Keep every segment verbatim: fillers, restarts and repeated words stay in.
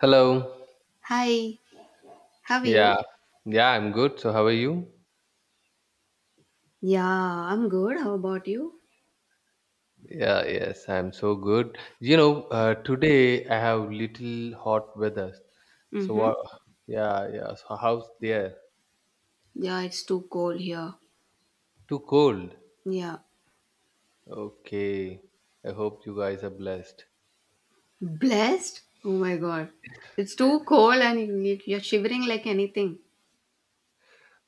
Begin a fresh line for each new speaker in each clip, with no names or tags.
Hello.
Hi, how are you?
Yeah. Yeah, I'm good. So, how are you?
Yeah, I'm good. How about you?
Yeah, yes, I'm so good. You know, uh, today I have little hot weather. So,
Mm-hmm.
what? Yeah, yeah. So, how's there?
Yeah, it's too cold here.
Too cold.
Yeah.
Okay. I hope you guys are blessed.
Blessed? Oh my god. It's too cold and you- you- you're shivering like anything.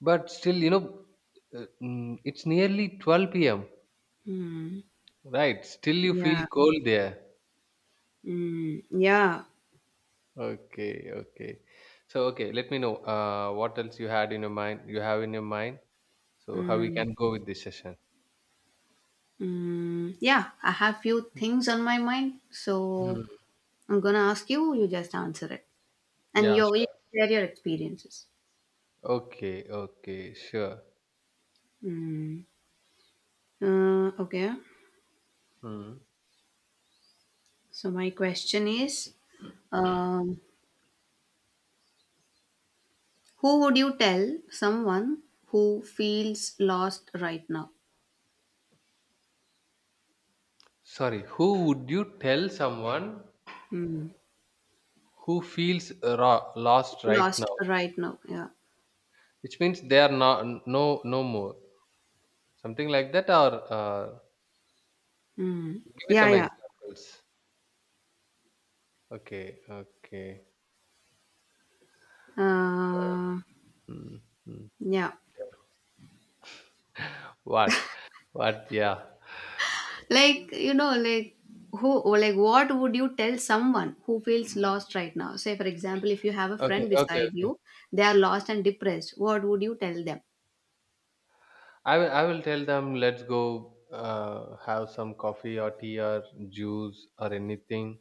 But still, you know, uh, mm, it's nearly twelve p m,
Hmm.
right? Still, you feel
Yeah.
cold there.
Mm, yeah.
Okay, okay. So, okay, let me know uh, what else you had in your mind, you have in your mind. So, how we
mm,
can go with this session.
Mm, yeah, I have few things on my mind. So
Hmm.
I'm gonna ask you, you just answer it. And
Yeah,
you you
sure.
share your experiences.
Okay, okay, sure.
Mm. Uh, okay.
Hmm.
So my question is, um, who would you tell someone who feels lost right now?
Sorry, who would you tell someone
Mm.
who feels ra- lost right
Lost
now?
right now, yeah.
Which means they are not no no more. Something like that, or uh,
Mm.
give me
Yeah,
some
yeah.
examples. Okay, okay.
Uh,
Hmm. Hmm.
yeah.
What? What? Yeah.
Like, you know, like who like what would you tell someone who feels lost right now? Say for example, if you have a
Okay,
friend
okay,
beside
okay.
you, they are lost and depressed, what would you tell them?
I will I will tell them let's go uh, have some coffee or tea or juice or anything,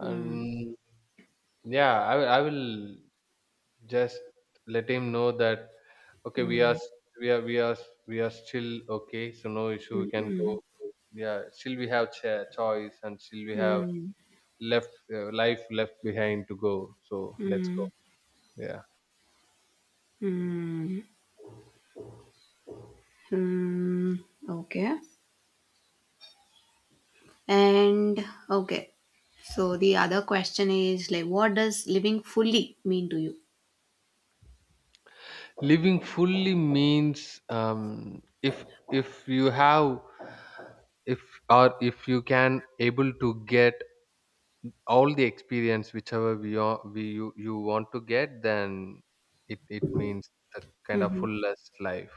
Mm.
and yeah, I will I will just let him know that okay, we
Mm.
are we are we are we are still okay, so no issue, we
Mm.
can go.
Mm.
Yeah, still we have cha- choice and still we have
Mm.
left uh, life left behind to go, so let's go.
Mm.
Yeah,
Mm. Hmm, okay. And okay, so the other question is, like, what does living fully mean to you?
living fully means um if if you have if or if you can able to get all the experience whichever we are we you, you want to get, then it it means the kind of
Hmm.
fullest life.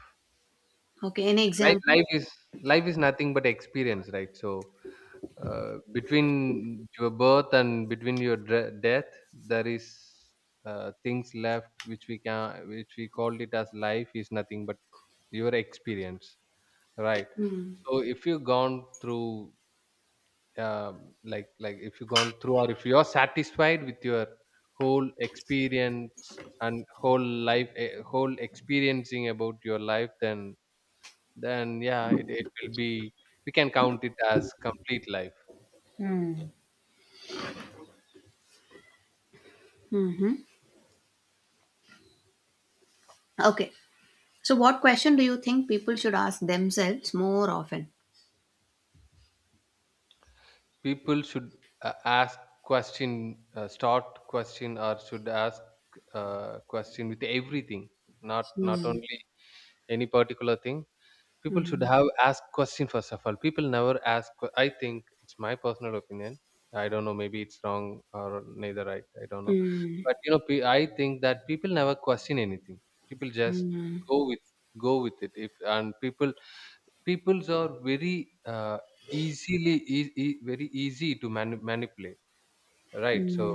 Okay, any
life
example?
life is life is nothing but experience, right? So uh, between your birth and between your dre- death, there is uh, things left which we can, which we called it as, life is nothing but your experience, right? So if you gone through um, like like if you gone through, or if you're satisfied with your whole experience and whole life, eh, whole experiencing about your life, then then yeah, it, it will be, we can count it as complete life.
Hmm. Hmm. Okay, so what question do you think people should ask themselves more often?
People should uh, ask question, uh, start question, or should ask uh, question with everything, not not
Mm,
only any particular thing. People should
mm,
have asked question. First of all, people never ask que- I think it's my personal opinion, I don't know, maybe it's wrong or neither right, I don't know.
mm,
But you know, pe- I think that people never question anything. People just
mm,
go with go with it. If and people, peoples are very uh, easily e- e- very easy to mani- manipulate, right? So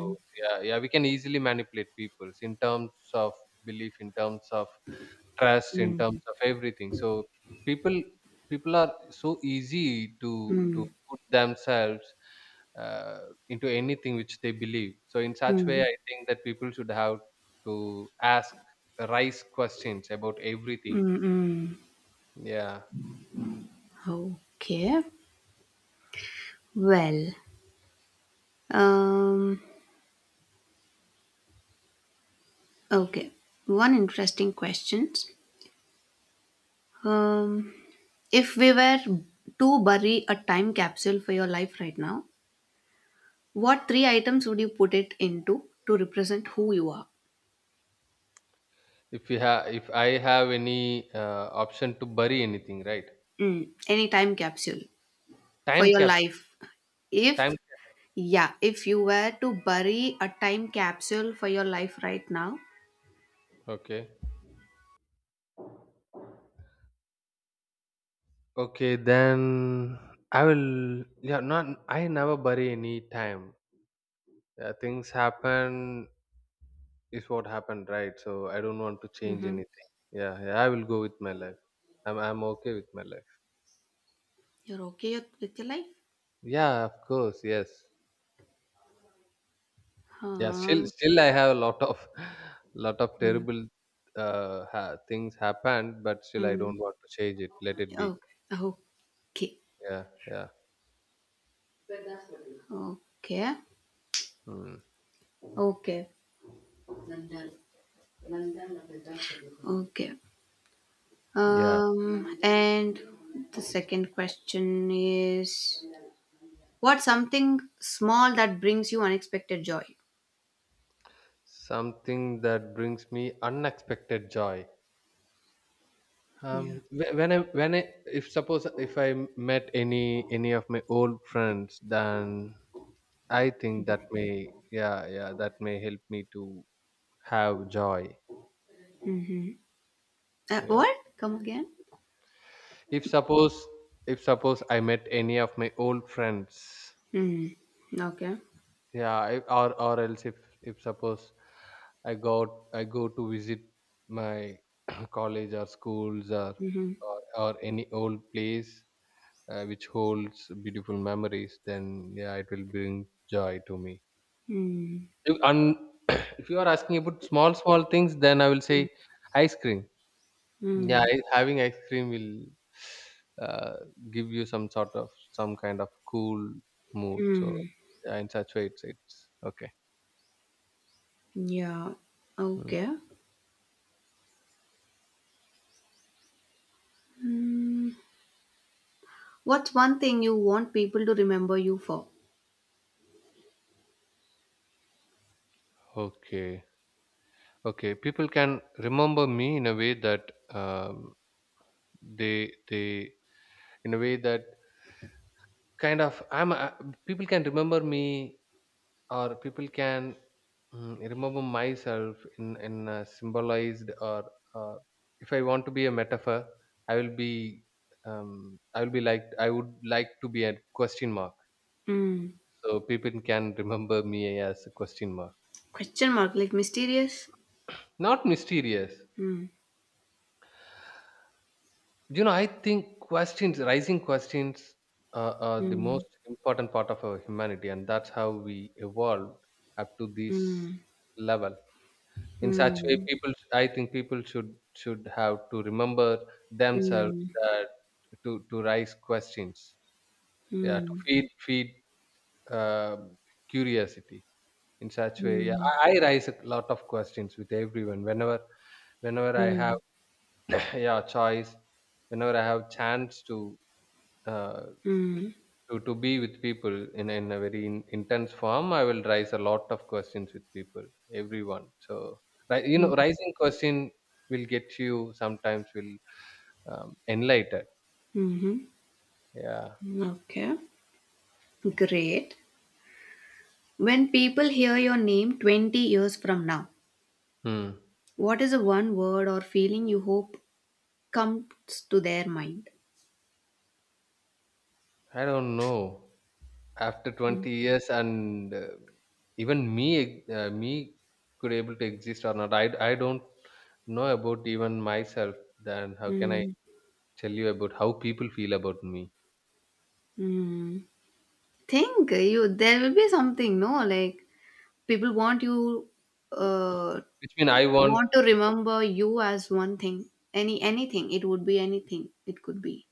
yeah, yeah, we can easily manipulate peoples in terms of belief, in terms of trust, in
mm, mm,
terms of everything. So people, people are so easy to
mm,
to
mm,
put themselves uh, into anything which they believe. So in such way, I think that people should have to ask rice questions about everything.
mm, mm.
Yeah.
Okay, well, um, okay, one interesting question. Um, If we were to bury a time capsule for your life right now, what three items would you put it into to represent who you are?
if you have if I have any uh, option to bury anything, right?
Mm, any time capsule for
Time
your
capsule.
life.
time
If, yeah, if you were to bury a time capsule for your life right now,
cap- okay, okay, then I will, yeah, not, I never bury any time. Yeah, things happen is what happened, right? So I don't want to change
hmm,
anything. Yeah, yeah, I will go with my life. I'm I'm okay with my life.
you're okay with your life?
Yeah, of course, yes. Yeah, still
Um,
still I have a lot of lot of
mm,
terrible uh ha- things happened, but still I don't
mm,
want to change it. Let it be.
okay, okay,
Yeah, yeah.
okay,
Hmm.
okay, okay.
Yeah.
Um, and the second question is, what's something small that brings you unexpected joy?
Something that brings me unexpected joy.
Yeah.
Um wh- when i when I If suppose, if I met any any of my old friends, then I think that may, yeah, yeah, that may help me to have joy.
Mm-hmm. Uh,
Yeah.
what? Come again?
if suppose if suppose I met any of my old friends.
Mm. Okay.
Yeah, I, or or else if if suppose I go i go to visit my college or schools, or
Mm-hmm.
or, or any old place uh, which holds beautiful memories, then yeah, it will bring joy to me.
Mm.
If- And if you are asking about small, small things, then I will say ice cream. Yeah,
Mm.
I- having ice cream will uh, give you some sort of, some kind of cool mood. So
Mm.
yeah, in such way, it's it's okay.
Yeah.
Mm.
Okay. Mm. What's one thing you want people to remember you for?
Okay, okay. People can remember me in a way that um, they they in a way that kind of I'm uh, people can remember me, or people can, mm, remember myself in in a symbolized or uh, if I want to be a metaphor, I will be, um, i will be like I would like to be a question mark.
Mm.
So people can remember me as a question mark.
Question mark, like mysterious?
Not mysterious.
Mm.
You know, I think questions, rising questions uh, are the
Mm.
most important part of our humanity, and that's how we evolved up to this
Mm.
level. In such way,
Mm.
people, I think people should should have to remember themselves
Mm.
that to to raise questions. Yeah, to
Mm.
feed feed uh, curiosity. In such way, yeah,
Mm,
I, I raise a lot of questions with everyone. Whenever, whenever I have
mm,
yeah, choice whenever I have chance to uh,
mm,
To to be with people in in a very in, intense form, I will raise a lot of questions with people, everyone. So ri- you
mm,
know, rising question will get you, sometimes will um, enlighten.
mhm.
Yeah.
Okay, great. When people hear your name twenty years from now,
Hmm.
what is the one word or feeling you hope comes to their mind?
I don't know. After
Mm,
twenty years, and uh, even me uh, me could able to exist or not. I I don't know about even myself. Then how can I
mm,
tell you about how people feel about me?
mm. Think you there will be something, no? Like, people want you uh
Which mean I want
want to
people.
remember you as one thing. Any anything. It would be anything. It could be.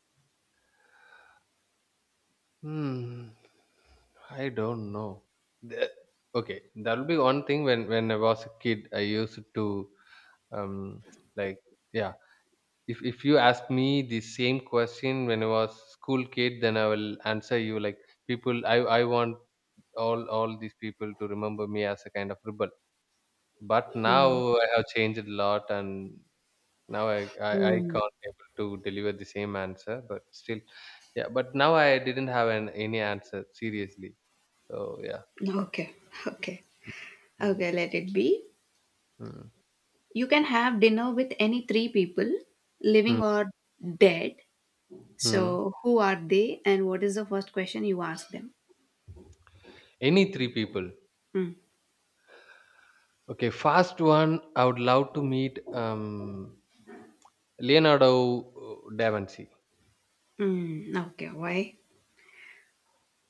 Hmm. I don't know. The- okay, that will be one thing. When when I was a kid, I used to um like, yeah. If if you ask me the same question when I was school kid, then I will answer you like people. I I want all all these people to remember me as a kind of rebel. But
Mm,
now I have changed a lot, and now I I, I
mm.
can't able to deliver the same answer. But still, yeah. But now I didn't have an any answer seriously. So yeah.
Okay. Okay.
Hmm.
Okay, let it be.
Hmm.
You can have dinner with any three people,
Hmm.
living or dead.
Mm.
So, who are they and what is the first question you ask them?
Any three people.
Mm.
Okay, first one, I would love to meet um, Leonardo uh, da Vinci
Mm. Okay, why?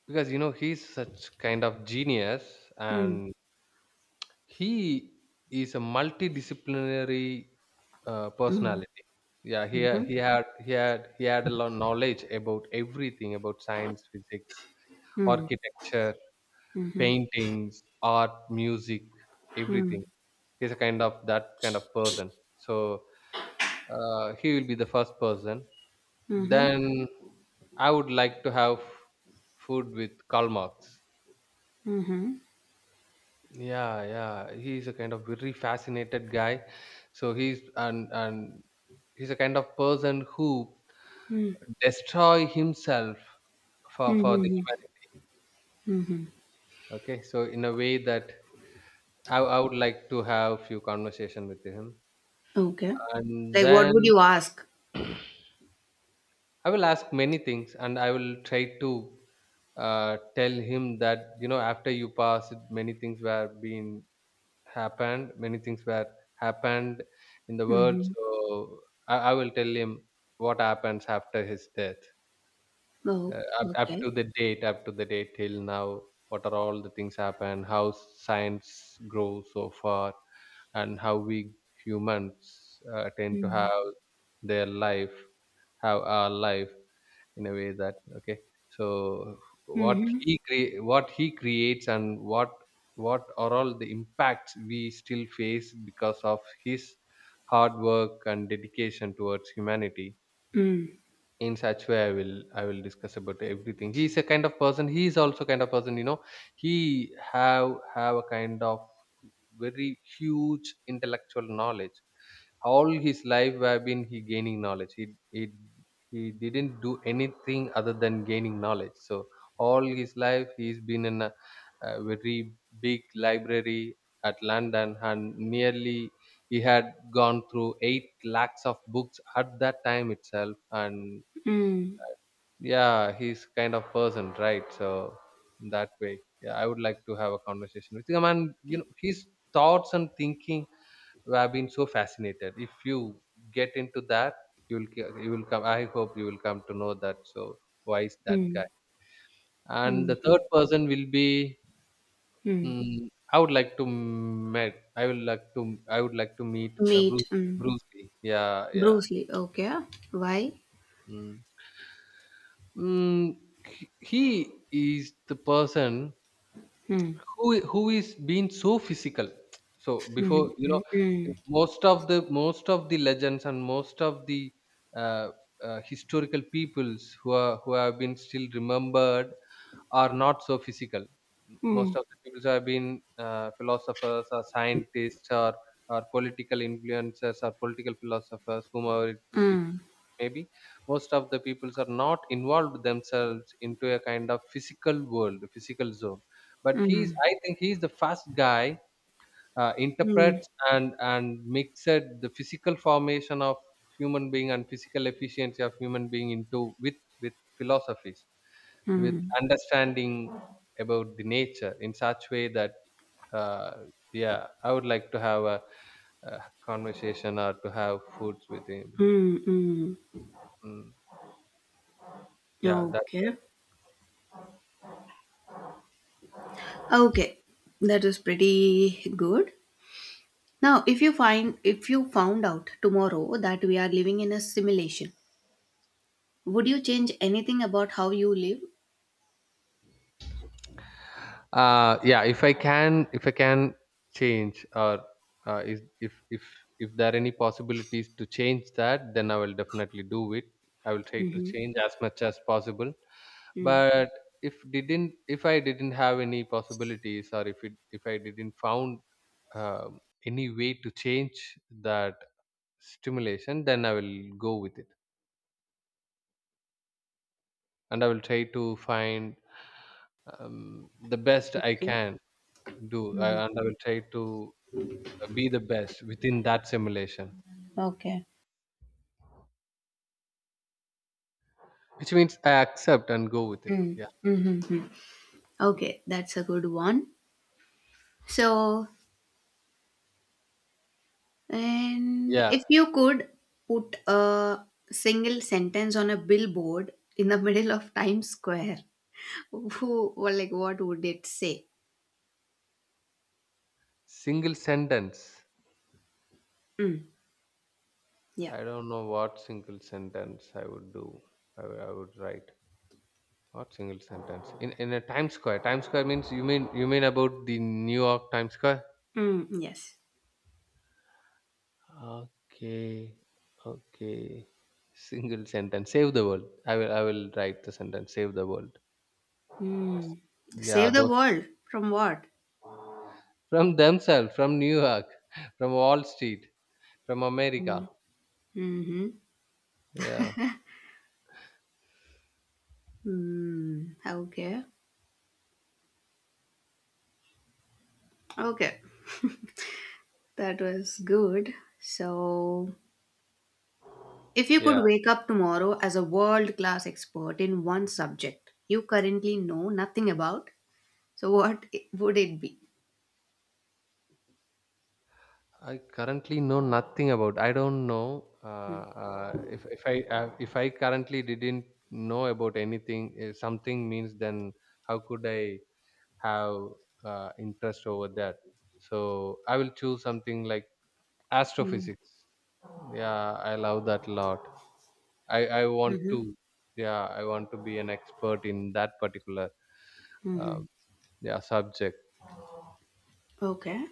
because you know, he's such kind of genius,
Mm.
and he is a multidisciplinary uh,
Mm.
personality. Yeah, he ha-
Mm-hmm.
he had he had he had a lot of knowledge about everything, about science, physics,
Mm.
architecture,
Mm-hmm.
paintings, art, music,
Mm.
everything. He's a kind of, that kind of person, so uh, he will be the first person.
Mm-hmm.
Then I would like to have food with Karl Marx.
Mm-hmm.
Yeah, yeah, he's a kind of very fascinated guy. So he's, and and he's a kind of person who
Mm.
destroy himself for for the
Mm-hmm.
humanity.
Mm-hmm.
Okay, so in a way that i, I would like to have few conversation with him.
Okay.
And
Like, what would
then
you ask?
I will ask many things, and I will try to uh, tell him that you know, after you passed, many things were being happened, many things were happened in the world.
Mm-hmm.
So I, I will tell him what happens after his death,
Oh,
uh, up, up to
okay.
the date, up to the date till now. What are all the things happen? How science grows so far, and how we humans uh, tend to
Mm-hmm.
have their life, have our life in a way that okay. So what
Mm-hmm.
he cre- what he creates, and what what are all the impacts we still face because of his hard work and dedication towards humanity.
Mm.
In such way, I will, I will discuss about everything. He is a kind of person, he is also kind of person, you know, he have have a kind of very huge intellectual knowledge. All his life, have been, he gaining knowledge, he he he didn't do anything other than gaining knowledge. So all his life he's been in a, a very big library at London, and nearly he had gone through eight lakhs of books at that time itself. And
Mm.
yeah, he's kind of person, right? So in that way, yeah, I would like to have a conversation with him, and you know, his thoughts and thinking I've been so fascinated. If you get into that, you'll ca- you will come, I hope you will come to know that. So why is that guy?
Mm.
And the third
Mm-hmm.
person will be,
Mm.
mm, I would like to met. I would like to. I would like to meet uh,
Meat.
Bruce
Mm.
Bruce Lee. Yeah, yeah.
Bruce Lee. Okay. Why?
Mm. Mm, he he is the person
Hmm.
who i- who is being so physical, so before,
Hmm.
you know
Hmm.
most of the most of the legends and most of the uh, uh, historical peoples who are who have been still remembered are not so physical.
Hmm.
Most of the people who have been uh, philosophers or scientists, or or political influencers or political philosophers, whomever it, it
Hmm.
maybe. Most of the peoples are not involved themselves into a kind of physical world, physical zone, but he's
Hmm.
I think he's the first guy, uh,
Hmm.
interprets and and mixed the physical formation of human being and physical efficiency of human being into, with with philosophies, with
Hmm.
understanding about the nature in such way that, uh, yeah, I would like to have a, a conversation or to have foods with him.
Hmm. Mm.
mm, yeah, that's...
Okay. Okay. That is pretty good. Now, if you find if you found out tomorrow that we are living in a simulation, would you change anything about how you live?
uh Yeah, if i can if i can change, or uh, is if if if there are any possibilities to change that, then I will definitely do it. I will try to
Hmm.
change as much as possible.
Hmm.
But if didn't if I didn't have any possibilities, or if it if I didn't found um any way to change that stimulation, then I will go with it, and I will try to find um, the best I
Okay.
can do, uh, and I will try to be the best within that simulation,
Okay.
which means I accept and go with it.
Mm,
Yeah.
mm, hmm. Okay, that's a good one. So, and
Yeah,
if you could put a single sentence on a billboard in the middle of Times Square, who, well, like, what would it say?
single sentence.
Mm, yeah.
I don't know what single sentence I would do. I would, I would write... What single sentence in in a times square times square means, you mean you mean about the New York Times Square?
Mm, yes.
Okay, okay, single sentence: save the world. I will i will write the sentence "save the world."
Mm.
Yeah,
Save the
those,
world from what?
from themselves, from New York, from Wall Street, from America.
Mm. Mm-hmm.
Yeah.
Mm, okay. Okay. That was good. So, if you
Yeah,
could wake up tomorrow as a world class expert in one subject you currently know nothing about, so what i- would it be?
I currently know nothing about. I don't know, uh, uh, if if I uh, if I currently didn't know about anything, uh, something means, then how could I have uh, interest over that? So I will choose something like
Mm-hmm.
astrophysics. Yeah, I love that a lot. I I want to,
Mm-hmm.
yeah, I want to be an expert in that particular, um yeah, subject.
Okay.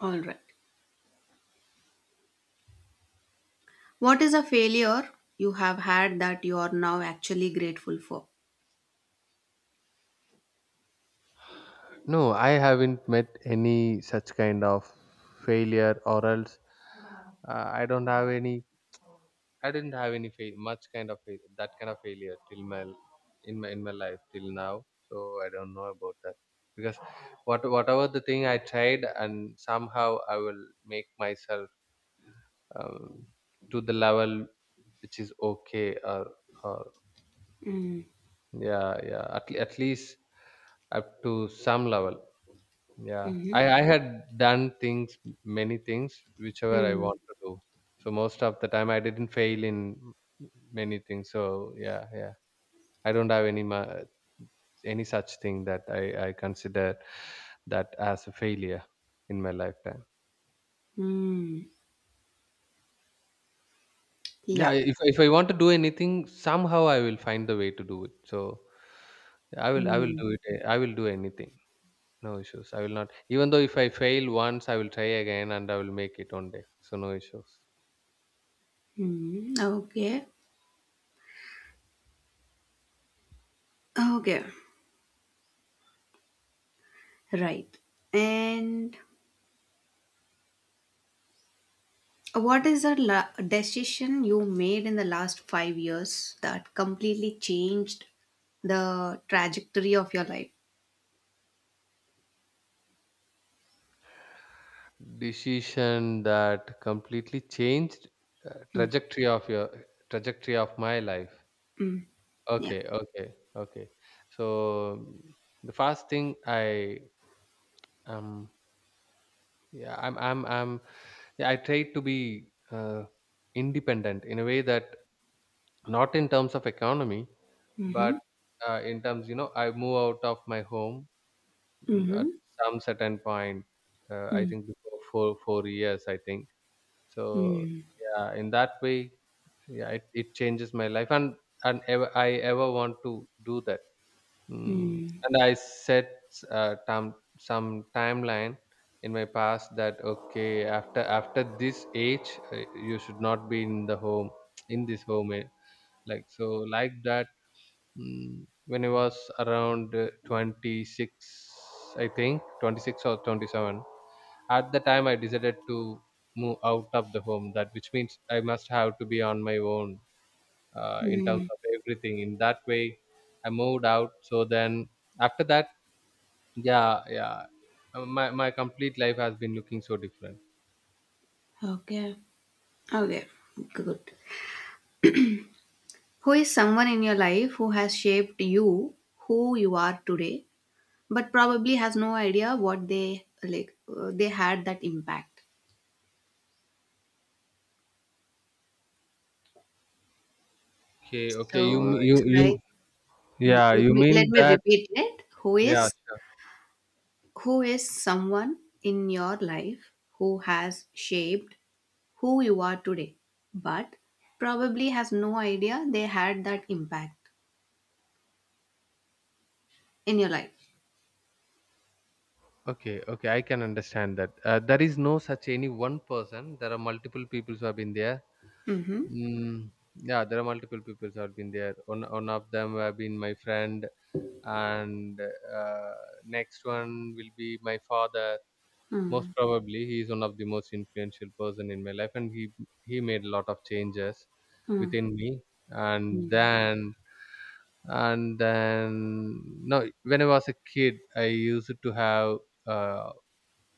All right. What is a failure you have had that you are now actually grateful for?
No, I haven't met any such kind of failure, or else, uh, I don't have any. I didn't have any fail, much kind of fail, that kind of failure till my, in my in my life till now. So I don't know about that, because what whatever the thing I tried, and somehow I will make myself, um, to the level which is okay, or, or
Mm-hmm.
yeah, yeah, at, le- at least up to some level, yeah. i
Mm-hmm.
i had done things, many things whichever I want to do, so most of the time I didn't fail in many things, so yeah, yeah. I don't have any ma- any such thing that i i consider that as a failure in my lifetime.
Mm-hmm.
Yeah,
Yeah.
if, if I want to do anything, somehow I will find the way to do it, so i will i will do it. I will do anything. No issues. I will not. Even though if I fail once, I will try again, and I will make it one day. So no issues.
Mm-hmm. Okay. Okay. Right. And what is the la- decision you made in the last five years that completely changed the trajectory of your life?
Decision that completely changed, uh,
Mm-hmm.
trajectory of your trajectory of my life.
Yeah.
Okay, okay, okay. So, mm, the first thing I, um yeah, I'm I'm I'm yeah, I try to be, uh, independent in a way that, not in terms of economy,
Mm-hmm.
but, uh, in terms, you know I move out of my home, mm, at
Mhm.
some certain point, uh, I
Mm,
think, before four four years, I think, so.
hmm,
Yeah, in that way, yeah, it, it changes my life, and and ever I ever want to do that. mm.
mm,
And I set, uh, time some timeline in my past, that okay, after after this age, uh, you should not be in the home in this home, eh, like so, like that. Mm, when I was around, uh, twenty-six, I think twenty-six or twenty-seven. At the time, I decided to move out of the home. That, which means I must have to be on my own, uh, in terms
hmm.
of everything. In that way, I moved out. So then, after that, yeah, yeah, uh, my my complete life has been looking so different.
Okay. Okay. Good. Who is someone in your life who has shaped you, who you are today, but probably has no idea what they like. Uh, they had that impact.
Okay, okay, you
So
m- you
it's
you
like yeah.
yeah,
Let
you
me let
mean
me
that?
repeat it. Who
Yeah.
is who is someone in your life who has shaped who you are today, but probably has no idea they had that impact. In your life.
Okay, okay, I can understand that. Uh, there is no such any one person. There are multiple people who have been there.
Mhm.
Mm, yeah, there are multiple people who have been there. One, one of them have been my friend, and, uh, next one will be my father.
Mm.
Most probably, he is one of the most influential person in my life, and he he made a lot of changes
Mm.
within me. And
Mm.
then, and then no, when I was a kid, I used to have. Uh,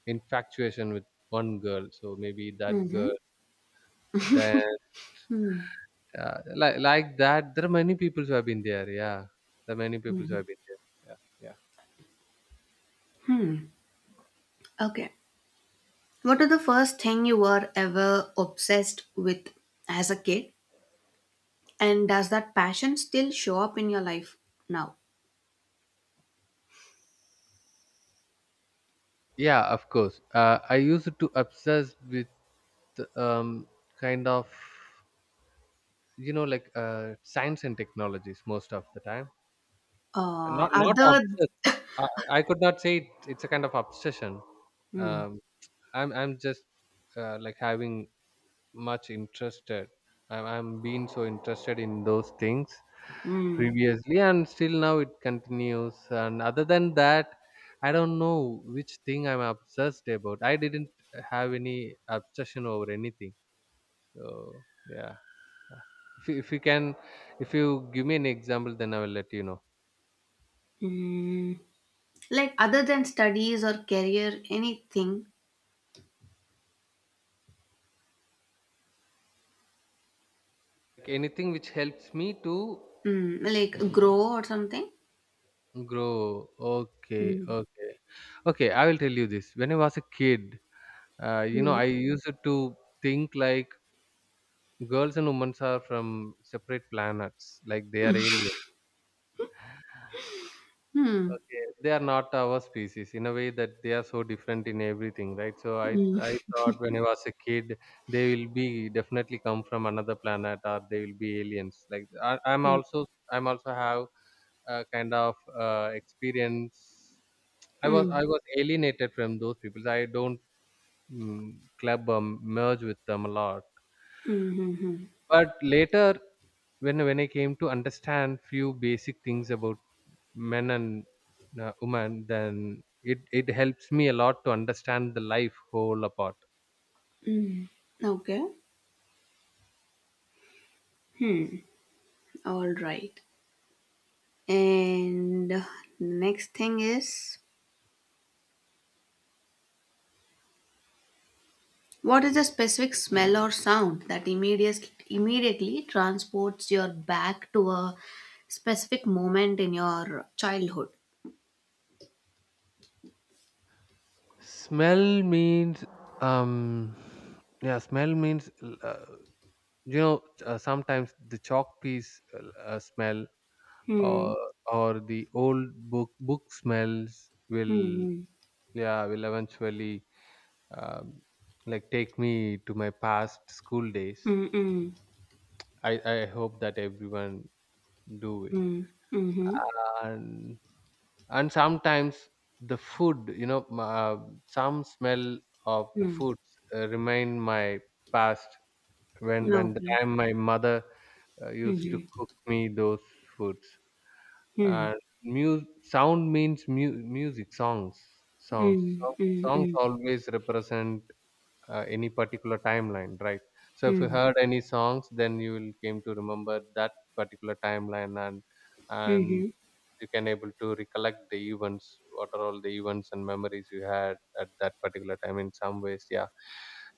infatuation with one girl. So maybe that
Mhm.
girl. Then, uh, like like that, there are many people who have been there. Yeah, there are many people who have been there. Yeah, yeah.
Okay. What are the first thing you were ever obsessed with as a kid? And does that passion still show up in your life now?
Yeah, of course. Uh, I used to obsess with, um, kind of, you know like, uh, science and technologies most of the time.
Uh,
Not not
other
obsessed. I, I could not say it, it's a kind of obsession.
mm,
Um, I'm I'm just, uh, like having much interested, i'm, I'm been so interested in those things
mm,
previously, and still now it continues, and other than that, I don't know which thing I'm obsessed about. I didn't have any obsession over anything, so yeah. if you, if you can if you give me an example, then I will let you know.
mm. Like, other than studies or career, anything,
Like, anything which helps me to
mm, like grow or something.
grow. Okay,
Mm,
okay, okay, I will tell you this. When I was a kid, Uh, you know,
mm,
I used to think, like, girls and women are from separate planets, like they are alien.
mm,
Okay, they are not our species in a way that they are so different in everything, right? So I I
mm,
thought, when I was a kid, they will be definitely come from another planet, or they will be aliens. Like, I, I'm
mm,
also I'm also have a kind of, uh, experience. I was
mm,
I was alienated from those people. I don't, mm, club, um, merge with them a lot.
mm, mm,
But later, when when I came to understand few basic things about men and, uh, women, then it it helps me a lot to understand the life whole apart.
mm. Okay, all right. And the next thing is, what is the specific smell or sound that immediately immediately transports your back to a specific moment in your childhood?
Smell means, um yeah, smell means uh, you know uh, sometimes the chalk piece, uh, uh, smell,
Hmm.
or or the old book book smells will,
Hmm.
yeah will eventually, um, like, take me to my past school days.
Hmm. Hmm.
I, I hope that everyone do it.
Hmm. Hmm.
And and sometimes, the food, you know, m- uh, some smell of the
Hmm.
foods, uh, remind my past, when when
No.
the time my mother, uh,
Hmm.
used to
Hmm.
cook me those foods.
Hmm.
And mu- sound means, mu- music, songs, songs,
Hmm.
songs. Songs
Hmm.
always represent, uh, any particular timeline, right? So if you
Hmm.
heard any songs, then you will came to remember that particular timeline, and and
Hmm.
you can able to recollect the events, what are all the events and memories you had at that particular time. In some ways, yeah,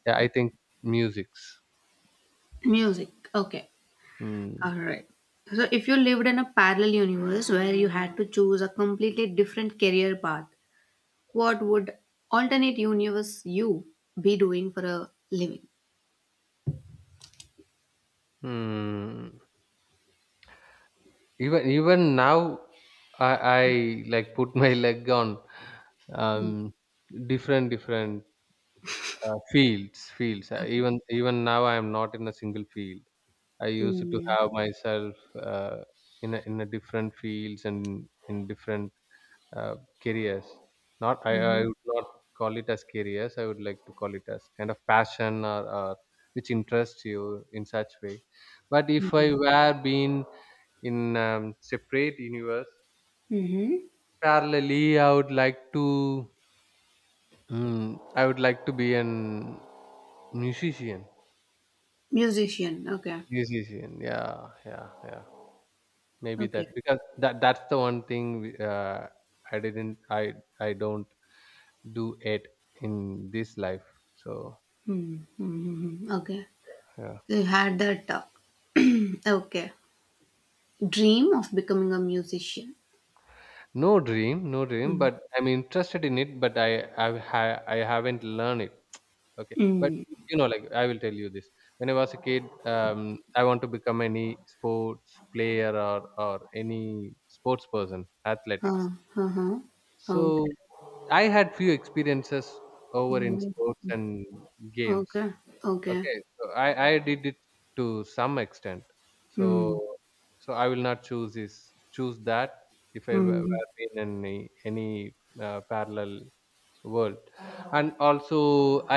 yeah, I think musics.
Music. Okay. All
Hmm.
right. So, if you lived in a parallel universe where you had to choose a completely different career path, what would alternate universe you be doing for a living?
Hmm. Even even now, I I like put my leg on,
Mm.
um different different, uh, fields fields. Uh,
Okay.
even even now, I am not in a single field. I used to
Mm.
have myself, uh, in a, in a different fields and in different, uh, careers. Not I, I
Mhm.
would not call it as careers. I would like to call it as kind of passion, or, or which interests you in such way. But if I
Mhm.
were being in, um, separate universe,
Mhm.
parallelly, I would like to mm, I would like to be an musician.
Musician. Okay.
Musician, yeah, yeah, yeah. Maybe
Okay.
that, because that that's the one thing, we- uh, I didn't I I don't do it in this life, so.
Hmm. Hmm. Hmm, hmm. Okay.
Yeah,
So you had that. Uh, okay. Dream of becoming a musician.
no dream, no dream
Mm.
but I'm interested in it, but i i, ha- I haven't learned it. Okay, but,
Mm.
you know like, I will tell you this. When I was a kid, um, I want to become any sports player, or or any sports person, athletics.
Uh, uh-huh.
So
Okay.
I had few experiences over in
Mm.
sports and games.
Okay. Okay.
Okay, so I I did it to some extent. So
Mm.
so I will not choose this, choose that, if I were
Mm.
were in any any, uh, parallel world. And also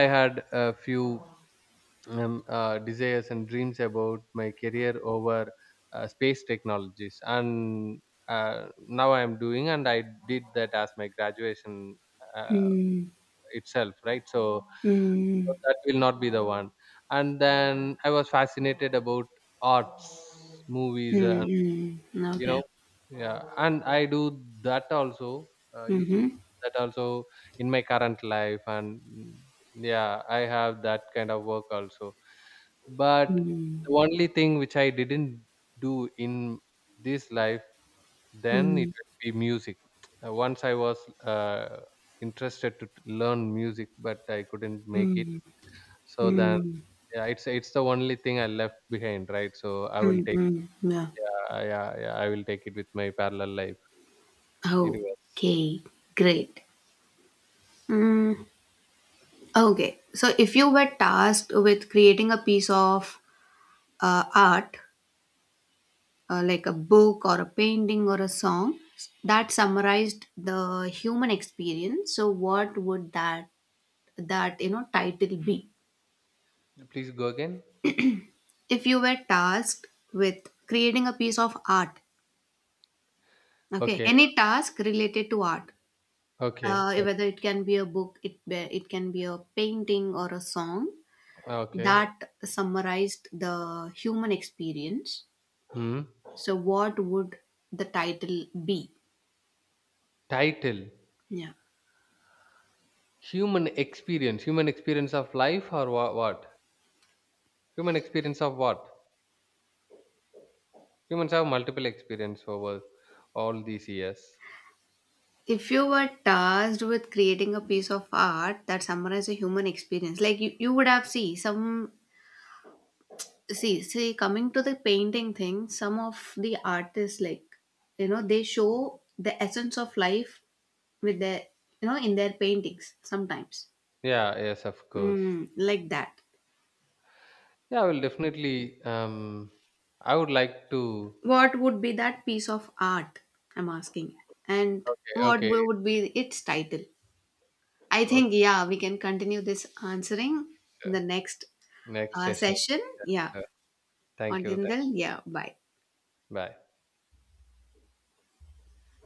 I had a few, um, uh, desires and dreams about my career over, uh, space technologies, and, uh, now I am doing, and I did that as my graduation. Uh,
Mm.
itself, right, so, so
Mm.
that will not be the one. And then I was fascinated about arts, movies, and,
Mm. Mm.
you
Okay.
know yeah, and I do that also, uh, used to
Mm-hmm.
do that also in my current life, and, mm, yeah, I have that kind of work also, but
Mm,
the only thing which I didn't do in this life, then it
mm,
will be music. Uh, once I was, uh, interested to, t- learn music, but I couldn't make it,
mm,
so then,
mm,
yeah, it's it's the only thing I left behind, right? So I will
mm,
take...
mm, yeah.
Yeah, yeah, yeah, I will take it with my parallel life universe.
Okay, great. Mm, okay, so if you were tasked with creating a piece of uh, art, uh, like a book or a painting or a song that summarized the human experience, so what would that that you know title be?
Please go again.
If you were tasked with creating a piece of art, okay,
Okay,
any task related to art,
okay,
uh, whether it can be a book, it be- it can be a painting or a song
okay.
that summarized the human experience.
Hmm.
So, what would the title be?
Title.
Yeah.
Human experience, human experience of life, or wha- what human experience of what? Humans have multiple experience over all these years.
If you were tasked with creating a piece of art that summarizes a human experience, like you, you would have see some see see coming to the painting thing, some of the artists, like, you know, they show the essence of life with their you know in their paintings sometimes.
Yeah, yes, of course.
Mm, like that.
Yeah, I will definitely. Um, I would like to.
What would be that piece of art? I'm asking. And
Okay,
what
okay,
would be its title? I
okay.
think, yeah, we can continue this answering in the
Sure.
next
Next
uh,
session.
session. Yeah.
Sure. Thank you.
Until
Thank you.
then, yeah, bye.
Bye.